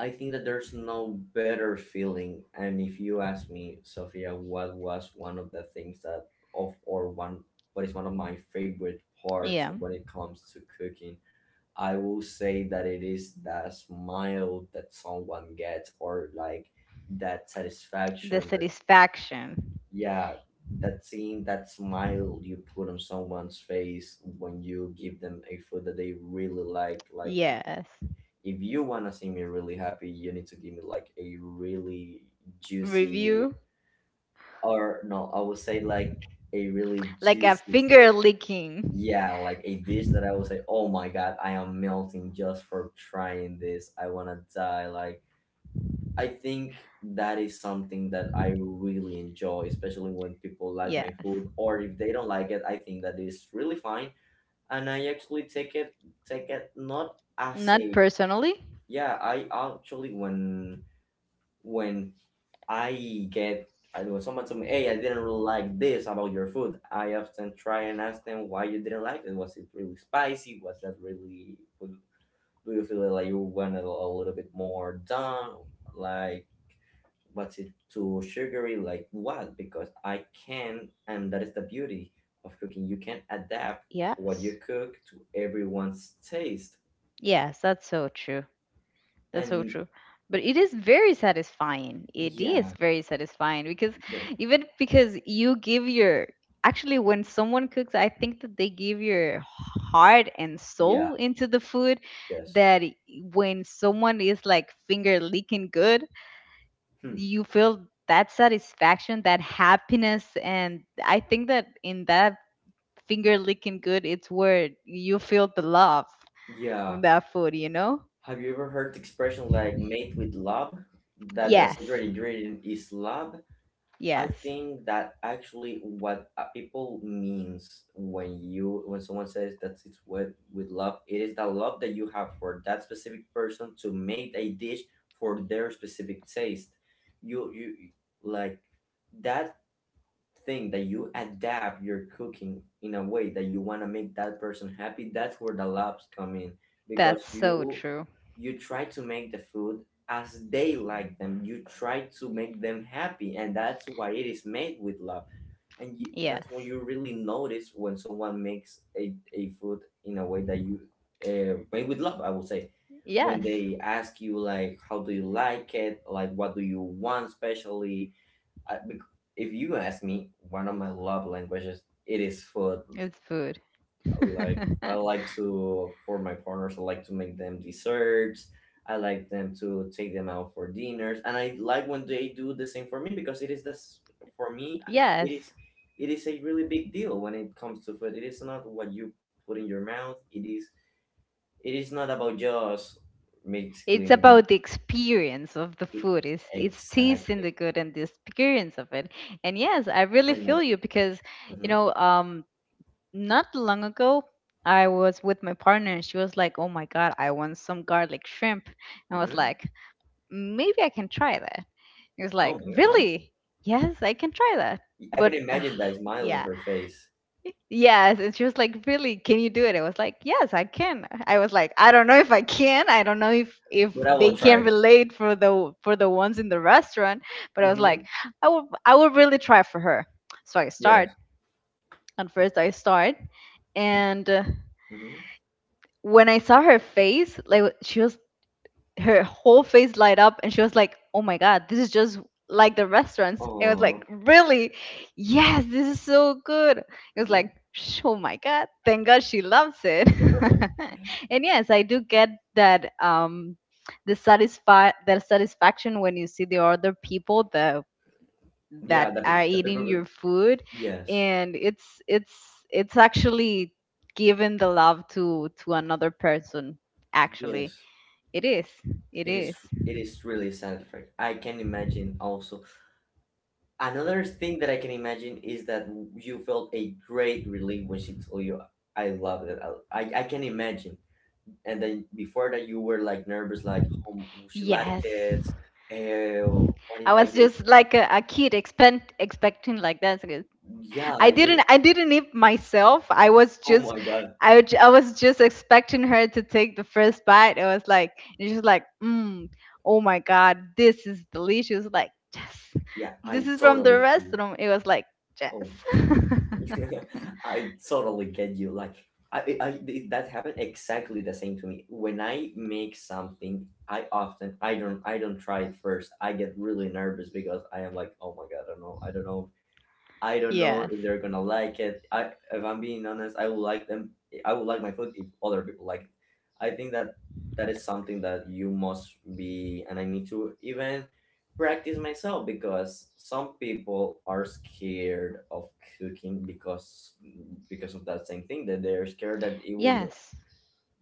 B: I think that there's no better feeling. And if you ask me, Sophia, what was one of the things that of or one what is one of my favorite parts
A: Yeah,
B: when it comes to cooking, I will say that it is that smile that someone gets, or like that
A: the
B: satisfaction.
A: satisfaction.
B: Yeah, that scene, that smile you put on someone's face when you give them a food that they really like. Like
A: Yes,
B: if you wanna see me really happy, you need to give me like a really juicy,
A: review,
B: or no, I would say like a really
A: like a
B: juicy
A: finger
B: steak.
A: licking.
B: Yeah, like a dish that I would say, oh my god, I am melting just for trying this. I wanna die. Like I think that is something that I really enjoy, especially when people like my
A: Yes,
B: food, or if they don't like it, I think that is really fine. And I actually take it, not as
A: not
B: a,
A: personally.
B: yeah. I actually when when I get, I when someone told me, hey, I didn't really like this about your food, I often try and ask them, why you didn't like it? Was it really spicy? Was that really? Do you feel like you wanted a little bit more done? Like but it too sugary like what because I can, and that is the beauty of cooking. You can adapt what
A: Yes,
B: you cook to everyone's taste.
A: yes, that's so true. That's so
B: And
A: true. But it is very satisfying. It is
B: yeah,
A: very satisfying, because
B: yeah,
A: even because you give your, actually, when someone cooks, I think that they give your heart and
B: yeah,
A: soul into the food,
B: yes.
A: that i- when someone is like finger licking good,
B: Hmm.
A: you feel that satisfaction, that happiness. And I think that in that finger licking good, it's where you feel the love
B: Yeah,
A: from that food, you know?
B: have you ever heard the expression like made with love, that the secret
A: Yes.
B: ingredient is love? I
A: Yes.
B: think that actually what people means when you when someone says that it's with love, it is the love that you have for that specific person to make a dish for their specific taste. You like that thing that you adapt your cooking in a way that you want to make that person happy, that's where the loves come in.
A: That's
B: Because
A: so
B: you
A: true.
B: you try to make the food as they like them, you try to make them happy, and that's why it is made with love. And you, that's when
A: Yes.
B: you really notice when someone makes a food in a way that you made with love, I would say. When
A: Yes.
B: they ask you like, how do you like it, like what do you want, especially I, bec- if you ask me, one of my love languages, it is food.
A: It's food.
B: Like I like to, for my partners, I like to make them desserts. I like them to take them out for dinners, and I like when they do the same for me because it is this for me. It is,
A: Yes.
B: it is a really big deal when it comes to food. It is not what you put in your mouth. It is, it is not about just
A: It's
B: basically
A: about the experience of the
B: it,
A: food. It's
B: exactly.
A: tasting the good and the experience of it. And yes, I
B: I
A: really
B: know.
A: feel you because, you
B: Mm-hmm.
A: know, not long ago I was with my partner and she was like, "Oh my God, I want some garlic shrimp." And I was
B: Mm-hmm.
A: like, "Maybe I can try that." He was like,
B: Oh my god. Huh?
A: "Really?" Yes, I can try that.
B: I
A: But
B: can
A: ah,
B: imagine that smile on
A: yeah.
B: her face.
A: Yes, and she was like, "Really? Can you do it?" I was like, "Yes, I can." I was like, "I don't know if I can. I don't know if
B: But I will
A: they can
B: try.
A: relate for the ones in the restaurant." But I was like,
B: Mm-hmm.
A: "I will really try for her." So I start.
B: Yes.
A: At first, I start, and
B: Mm-hmm.
A: when I saw her face, like, she was her whole face light up, and she was like, oh my god, this is just like the restaurants. And I was like,
B: Aww.
A: really? Yes, this is so good. It was
B: Mm-hmm.
A: like, "Sh- oh my god, thank god she loves it." And yes, I do get that, the that satisfaction when you see the other people, the that
B: Yeah, the,
A: are
B: the
A: eating
B: paper.
A: your food,
B: Yes.
A: and it's actually giving the love to another person, actually.
B: Yes.
A: it is it
B: It
A: is
B: is. It is really satisfying. I can imagine. Also, another thing that I can imagine is that you felt a great relief when she told you, "I love it." I can imagine. And then before that, you were like nervous, like, "Oh, she liked
A: Yes.
B: it." Eh, what
A: I
B: if I
A: was
B: did?
A: just like a kid expecting like that. So,
B: Yeah,
A: I
B: you.
A: didn't I didn't eat myself. I was
B: Oh
A: just
B: my god.
A: I was just expecting her to take the first bite. It was like, and she's like, mm, oh my god, this is delicious. Like, yes,
B: Yeah,
A: this
B: I
A: is from the
B: totally feel.
A: restaurant. It was like, yes.
B: Oh, I totally get you. Like, that happened exactly the same to me. When I make something, I often, I don't try it first. I get really nervous because I am like, oh my god, I don't know, I don't know
A: Yes.
B: if they're gonna like it. I, if I'm being honest, I would like them. I would like my food if other people like it. I think that that is something that you must be, and I need to even practice myself because some people are scared of cooking because of that same thing, that they're scared that it will not-
A: Yes.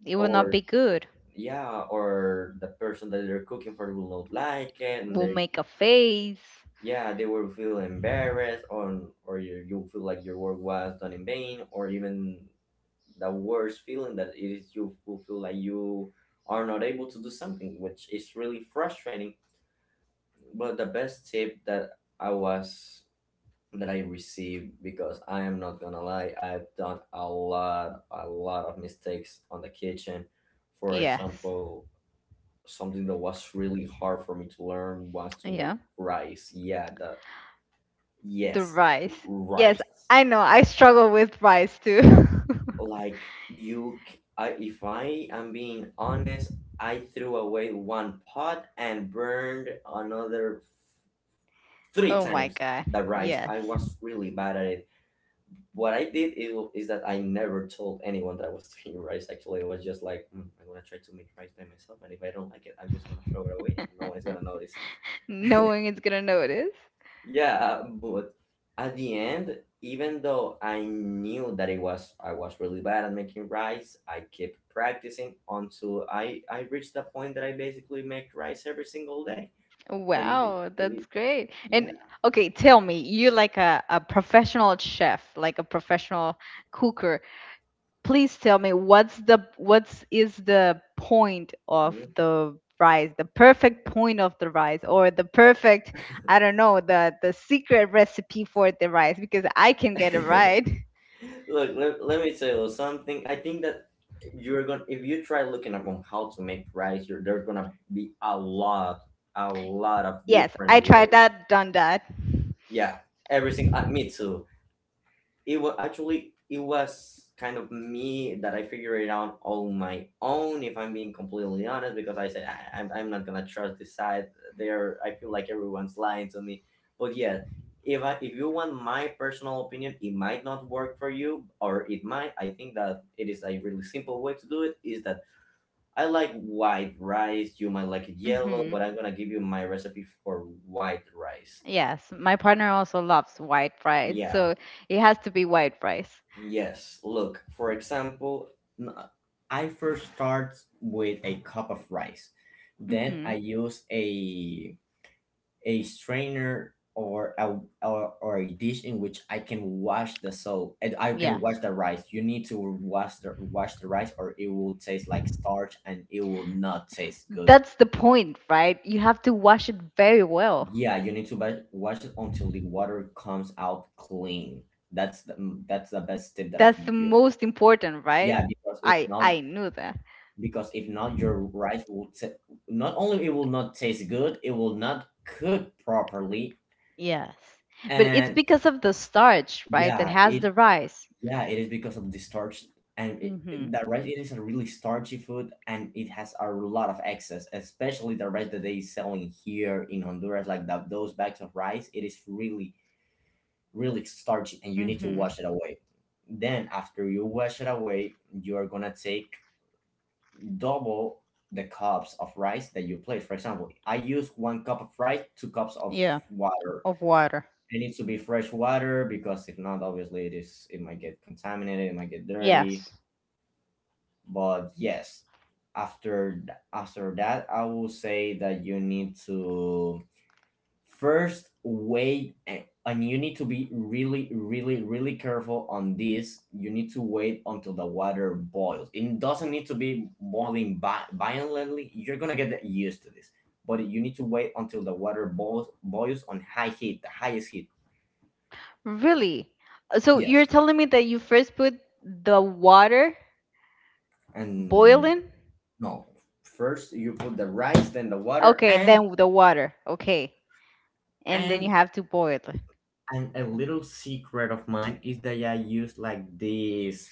A: It will not
B: or
A: be good.
B: yeah, or the person that they're cooking for will not like it. And
A: We'll make a face.
B: yeah, they will feel embarrassed on, or you feel like your work was done in vain, or even the worst feeling, that it is you who feel like you are not able to do something, which is really frustrating. But the best tip that I was that I received, because I am not gonna lie, I've done a lot of mistakes on the kitchen. For
A: Yes.
B: example, something that was really hard for me to learn was to make
A: Yeah.
B: rice, yeah, the.
A: The
B: Yes,
A: rice. Yes,
B: right.
A: I know. I struggle with rice too.
B: Like you, I, if I am being honest, I threw away one pot and burned another three
A: Oh my
B: times
A: God.
B: the rice.
A: Yes.
B: I was really bad at it. What I did is that I never told anyone that I was doing rice. Actually, it was just like, "Mm, I'm gonna try to make rice by myself, and if I don't like it, I'm just gonna throw it away, and no one's gonna notice."
A: No one is gonna notice.
B: Yeah, but at the end, even though I knew that it was I was really bad at making rice, I kept practicing until I reached the point that I basically make rice every single day. And it, is-
A: Wow,
B: it
A: that's
B: is,
A: great.
B: yeah.
A: And okay, tell me, you're like a professional chef, like a professional cooker. Please tell me what's the what's is the point of
B: Mhm.
A: the rice, the perfect point of the rice, or the perfect, I don't know, the secret recipe for the rice, because I can get it right.
B: Look, let me tell you something. I think that you're gonna, if you try looking up on how to make rice, you're, there's gonna be a lot, a lot of
A: Yes,
B: different
A: I tried
B: ways.
A: that, done that.
B: Yeah, everything, me too. It was actually, it was kind of me that I figured it out on my own. If I'm being completely honest, because I said I, I'm not gonna trust this side. There, I feel like everyone's lying to me. But yeah, if you want my personal opinion, it might not work for you, or it might. I think that it is a really simple way to do it. Is that I like white rice. You might like it yellow, but
A: Mm-hmm.
B: I'm gonna give you my recipe for white rice.
A: Yes, my partner also loves white fries,
B: Yeah,
A: so it has to be white fries.
B: yes, look, for example, n- I first start with a cup of rice. Then
A: Mm-hmm.
B: I use a strainer or a, or, or a dish in which I can wash the soap and I can wash
A: Yes.
B: the rice. You need to wash the rice or it will taste like starch and it will not taste good.
A: That's the point, right? You have to wash it very well.
B: Yeah, you need to wash it until the water comes out clean. That's the, mm, that's the best tip that I
A: That's
B: can
A: the
B: give you.
A: most important, right?
B: Yeah,
A: I I knew that.
B: because if not your rice will t- not only it will not taste good, it will not cook properly.
A: Yes. But it's
B: And
A: because of the starch, right, that
B: yeah,
A: has
B: it,
A: the rice.
B: yeah, it is because of the starch. And it,
A: Mm-hmm.
B: the rice, it is a really starchy food and it has a lot of excess, especially the rice that they selling here in Honduras, like that, those bags of rice, it is really, really starchy and you need to
A: Mm-hmm.
B: wash it away. Then after you wash it away, you are gonna take double the cups of rice that you place. For example, I use 1 cup of rice, 2 cups of
A: Yeah,
B: water.
A: of water.
B: It needs to be fresh water because if not, obviously it is, it might get contaminated, it might get dirty.
A: Yes.
B: But yes, after after that, I will say that you need to first wait, and you need to be really, really, really careful on this. You need to wait until the water boils. It doesn't need to be boiling violently. You're gonna get used to this, but you need to wait until the water boils on high heat, the highest heat.
A: Really? So you're
B: Yes,
A: telling me that you first put the water
B: and
A: boiling?
B: no. First, you put the rice, then the water,
A: Okay, then the water. Okay. And then you
B: and
A: have to boil it.
B: and a little secret of mine is that I use like these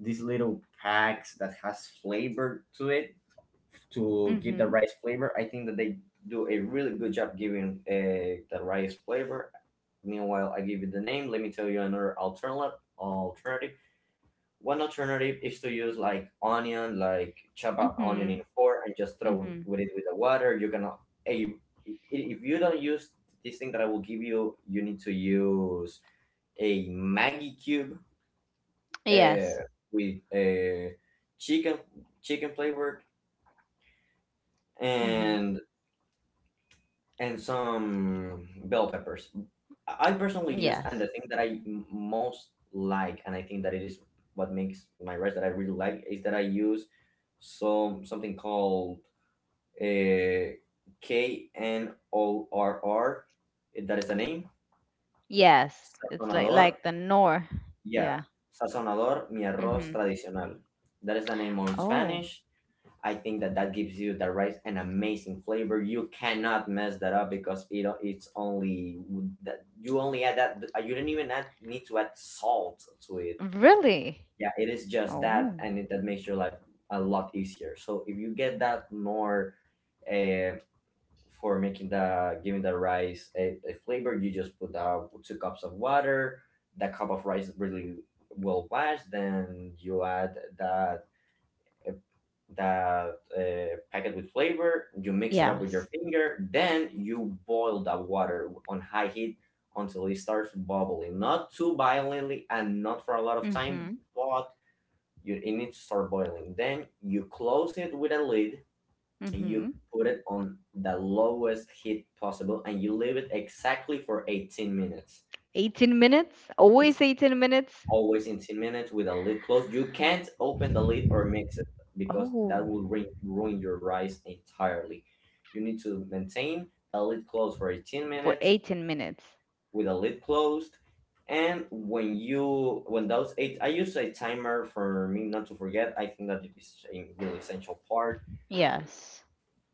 B: these little packs that has flavor to it to give the
A: Mhm.
B: rice flavor. I think that they do a really good job giving the rice flavor. Meanwhile, I give you the name. Let me tell you another alternative. Alternative. One alternative is to use like onion, like chop up onion in
A: Mhm.
B: four and just throw
A: Mhm.
B: with it with the water. You cannot. eh, you- If you don't use this thing that I will give you, you need to use a Maggie cube, uh,
A: Yes.
B: with chicken, chicken flavor,
A: Mhm.
B: and and some bell peppers. I personally use, and
A: Yes.
B: the thing that I most like, and I think that it is what makes my rice that I really like, is that I use some, something called, uh, KNORR. That is the name.
A: Yes. It's like
B: Sazonador.
A: like the nor.
B: Yeah,
A: Yeah.
B: sazonador, mi arroz
A: Mhm.
B: tradicional. That is the name on
A: Oh,
B: Spanish. I think that that gives you the rice an amazing flavor. You cannot mess that up because it, it's only that, you only add that, you don't even add, need to add salt to it.
A: really?
B: Yeah, it is just that,
A: Oh.
B: and it, that makes your life a lot easier. So if you get that more, eh, for making the giving the rice a flavor, you just put out 2 cups of water, the cup of rice is really well washed, then you add that, uh, that packet with flavor, you mix it up with your
A: Yes.
B: finger, then you boil that water on high heat until it starts bubbling, not too violently and not for a lot of time,
A: Mhm.
B: but you, it needs to start boiling. Then you close it with a lid and you
A: Mhm.
B: put it on the lowest heat possible and you leave it exactly for 18 minutes.
A: 18 minutes?
B: It's
A: Always 18 minutes?
B: always 18 minutes with a lid closed. You can't open the lid or mix it because that
A: Oh,
B: will ruin, ruin your rice entirely. You need to maintain the lid closed for 18
A: for
B: minutes
A: 18 minutes.
B: with a lid closed. And when you, when those eight, I use a timer for me not to forget. I think that is a really essential part.
A: Yes.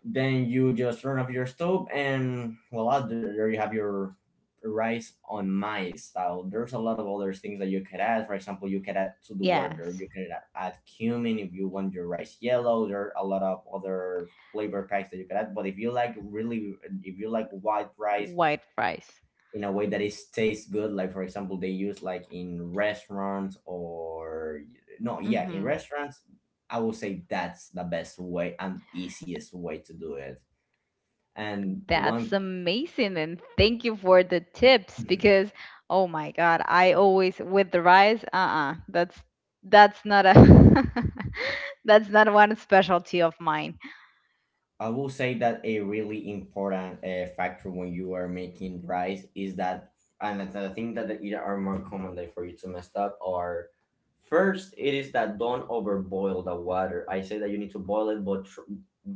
B: Then you just turn off your stove, and voila, there you have your rice on my style. There's a lot of other things that you could add. For example, you could add to the water.
A: Yes.
B: You could add cumin if you want your rice yellow. There are a lot of other flavor packs that you could add. But if you like white rice
A: White rice.
B: in a way that it tastes good, like for example, they use like in restaurants or no, yeah, in
A: Mhm.
B: restaurants, I would say that's the best way and easiest way to do it. And
A: That's
B: one,
A: amazing. And thank you for the tips, because oh my God, I always with the rice, uh-uh, that's not a that's not one specialty of mine.
B: I will say that a really important factor when you are making rice is that, and the thing that it are more commonly for you to mess up are, first, it is that don't overboil the water. I say that you need to boil it, but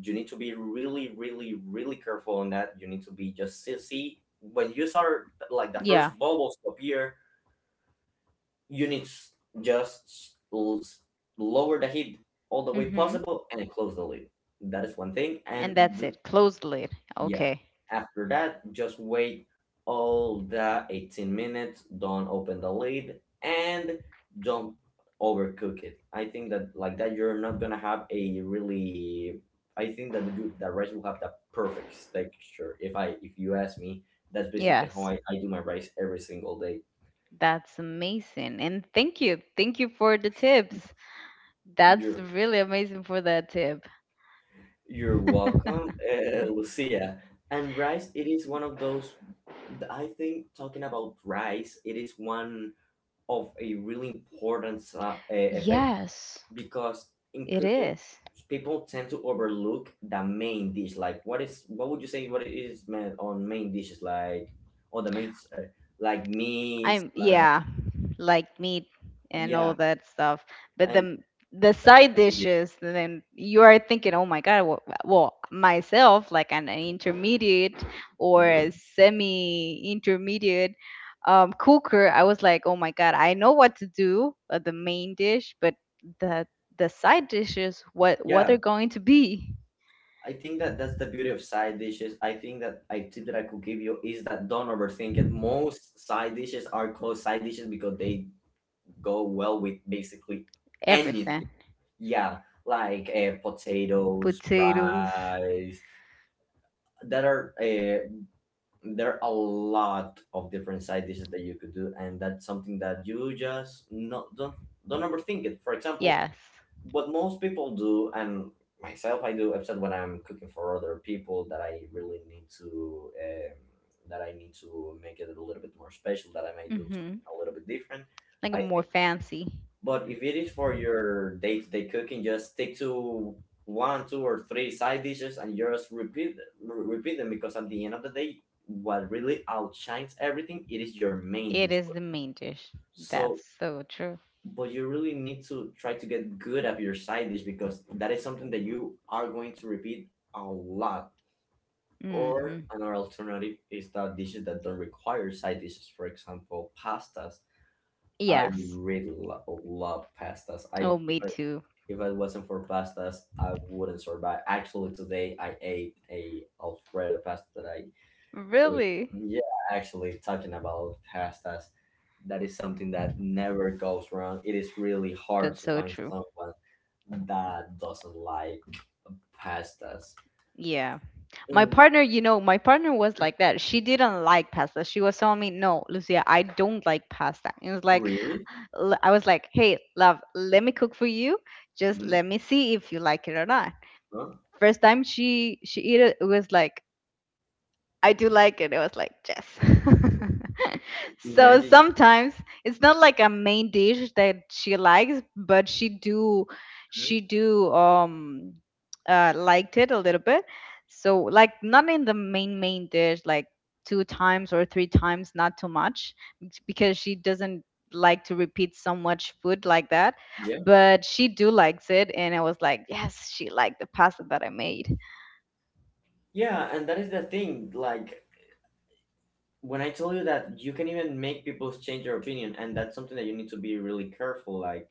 B: you need to be really, really, really careful on that. You need to be just see when you start like the
A: Yeah.
B: first bubbles to appear. You need s- just lower the heat all the way
A: Mm-hmm.
B: possible and close the lid. That is one thing.
A: And
B: And
A: that's it. Closed lid.
B: yeah,
A: Okay.
B: after that, just wait all the 18 minutes. Don't open the lid and don't overcook it. I think that like that, you're not gonna have a really. I think that the rice will have the perfect texture. If you ask me, that's basically how
A: Yes.
B: I do my rice every single day.
A: That's amazing. And thank you. Thank you for the tips. That's
B: You're
A: really amazing for that tip.
B: You're welcome, Lucia. And rice, it is one of those. I think talking about rice, it is one of a really important effect
A: Yes,
B: because in
A: it
B: cooking,
A: is.
B: people tend to overlook the main dish. Like, what would you say? What it is meant on main dishes, like or the main like meats,
A: I'm,
B: like
A: yeah, like meat and all
B: yeah,
A: that stuff. But
B: and
A: the
B: that's
A: side
B: what it
A: dishes, then you are thinking, oh my god, well, myself, like an intermediate
B: is.
A: or
B: Mhm.
A: a semi-intermediate cooker, I was like, oh my god, I know what to do, the main dish, but the the side dishes, what are
B: Yeah,
A: going to be?
B: I think that that's the beauty of side dishes. I think that a tip that I could give you is that don't overthink it. Most side dishes are called side dishes because they go well with basically anything.
A: Everything,
B: Yeah, like potatoes,
A: potatoes,
B: rice. That are There are a lot of different side dishes that you could do, and that's something that you just not don't overthink it. For example,
A: yes.
B: what most people do and myself I do except when I'm cooking for other people that I really need to that I need to make it a little bit more special that I may do
A: Hmm.
B: something a little bit different
A: Like a
B: I
A: more
B: think.
A: fancy.
B: But if it is for your day-to-day cooking just stick to one, two, or three side dishes and just repeat repeat them because at the end of the day what really outshines everything it is your main
A: It
B: dish.
A: is the main dish. That's
B: So
A: so true.
B: but you really need to try to get good at your side dish because that is something that you are going to repeat a lot. Or
A: Hmm.
B: another alternative is that dishes that don't require side dishes. For example, pastas. I
A: Yes.
B: really love pastas.
A: Oh, me
B: I
A: too.
B: if it wasn't for pastas, I wouldn't survive. Actually, today I ate a Alfredo pasta that I food.
A: Really?
B: Yeah, actually, talking about pastas, that is something that never goes wrong. It is really hard
A: That's
B: to
A: so
B: find
A: true.
B: someone that doesn't like pastas.
A: Yeah. My
B: Mm.
A: partner, you know, my partner was like that. She didn't like pasta. She was telling me, no, Lucia, I don't like pasta. And it was like,
B: Really?
A: I was like, hey, love, let me cook for you. Just let
B: Hmm.
A: me see if you like it or not.
B: Huh?
A: First time she ate it, it was like, I do like it. It was like, yes. So
B: Imagine.
A: sometimes it's not like a main dish that she likes, but she do she
B: Mhm.
A: do um uh liked it a little bit. So like not in the main dish, like two times or three times, not too much, it's because she doesn't like to repeat so much food like that.
B: Yeah.
A: But she do likes it, and I was like, yes, she liked the pasta that I made.
B: Yeah, and that is the thing. Like, when I told you that you can even make people change their opinion, and that's something that you need to be really careful. Like,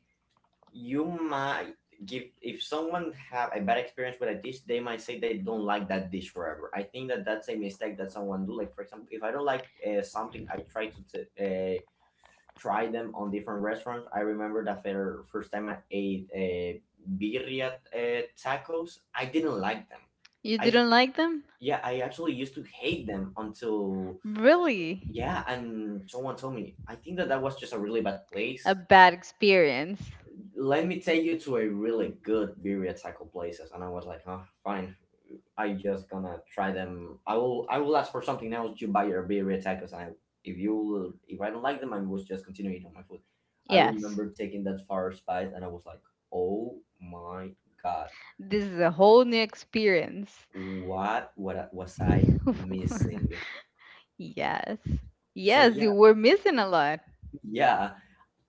B: you might give if someone have a bad experience with a dish they might say they don't like that dish forever. I think that that's a mistake that someone do. Like, for example, if I don't like something I try to try them on different restaurants. I remember that for first time I ate birria tacos I didn't like them.
A: You
B: I
A: didn't like them?
B: Yeah, I actually used to hate them until
A: Really?
B: yeah, and someone told me I think that that was just a really bad
A: A
B: place.
A: bad experience.
B: Let me take you to a really good birria taco places, and I was like huh, fine, I just gonna try them. I will ask for something else to buy your birria tacos, and I, if you will, if I don't like them I will just continue eating my food. I
A: Yes.
B: remember taking that first bite and I was like oh my god,
A: This is a whole new experience.
B: what was I missing.
A: Yes.
B: So
A: Yes,
B: yeah,
A: you were missing a lot.
B: yeah,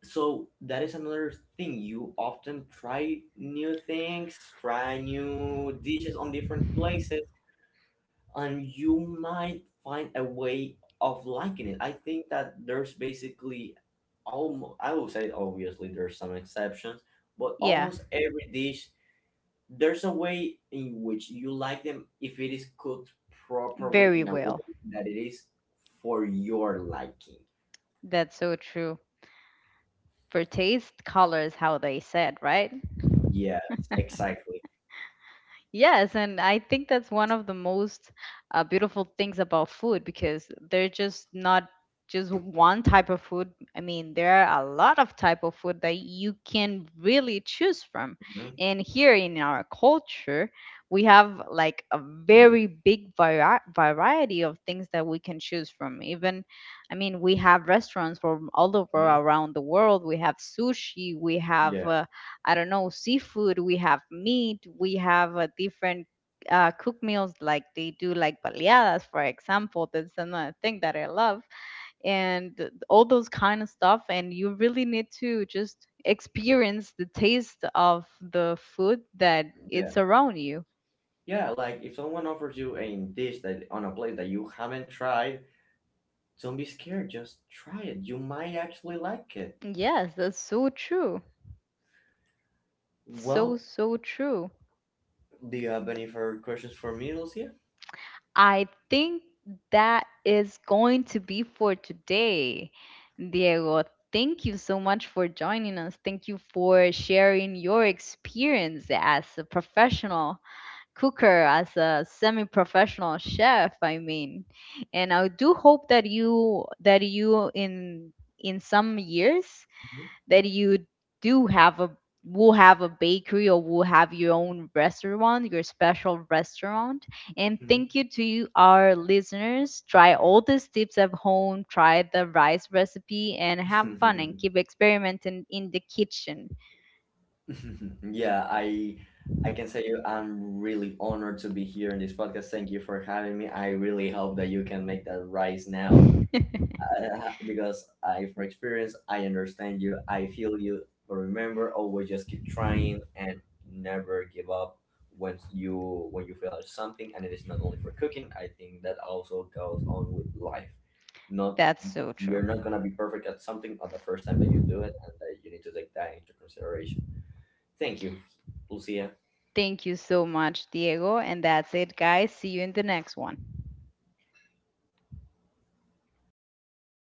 B: so that is another thing, you often try new things, try new dishes on different places and you might find a way of liking it. I think that there's basically almost, I would say obviously there's some exceptions, but
A: Yeah.
B: almost every dish there's a way in which you like them if it is cooked properly
A: Very
B: in a way
A: well.
B: that it is for your liking.
A: That's so true. For taste, colors, how they said, right?
B: Yes, exactly.
A: Yes, and I think that's one of the most beautiful things about food, because they're just not just one type of food. I mean, there are a lot of type of food that you can really choose from.
B: Mhm,
A: And here in our culture, we have like a
B: mhm,
A: very big variety of things that we can choose from. Even, I mean, we have restaurants from all over
B: mhm.
A: around the world. We have sushi, we have
B: Yeah,
A: I don't know, seafood, we have meat, we have different cook meals like they do, like baleadas, for example. That's another thing that I love, and all those kind of stuff. And you really need to just experience the taste of the food that
B: yeah,
A: it's around you.
B: yeah. Like if someone offers you a dish that on a plate that you haven't tried. Don't be scared, just try it. You might actually like it.
A: Yes, that's so true. So,
B: Well,
A: so true.
B: do you have any further questions for me, Lucia?
A: I think that is going to be for today, Diego. Thank you so much for joining us. Thank you for sharing your experience as a professional cooker, as a semi-professional chef, I mean. And I do hope that you in some years that you do have a will have a bakery, or will have your own restaurant, your special restaurant. And
B: Mhm.
A: thank you to you, our listeners. Try all these tips at home, try the rice recipe, and have fun and keep experimenting in the kitchen.
B: Yeah, I can say you I'm really honored to be here in this podcast. Thank you for having me. I really hope that you can make that rise now, because I from experience I understand you. I feel you. But remember, always just keep trying and never give up when you feel out something. And it is not only for cooking. I think that also goes on with life. Not
A: That's so true.
B: You're not gonna be perfect at something on the first time that you do it, and that you need to take that into consideration. Thank you, Lucia.
A: Thank you so much, Diego. And that's it, guys. See you in the next one.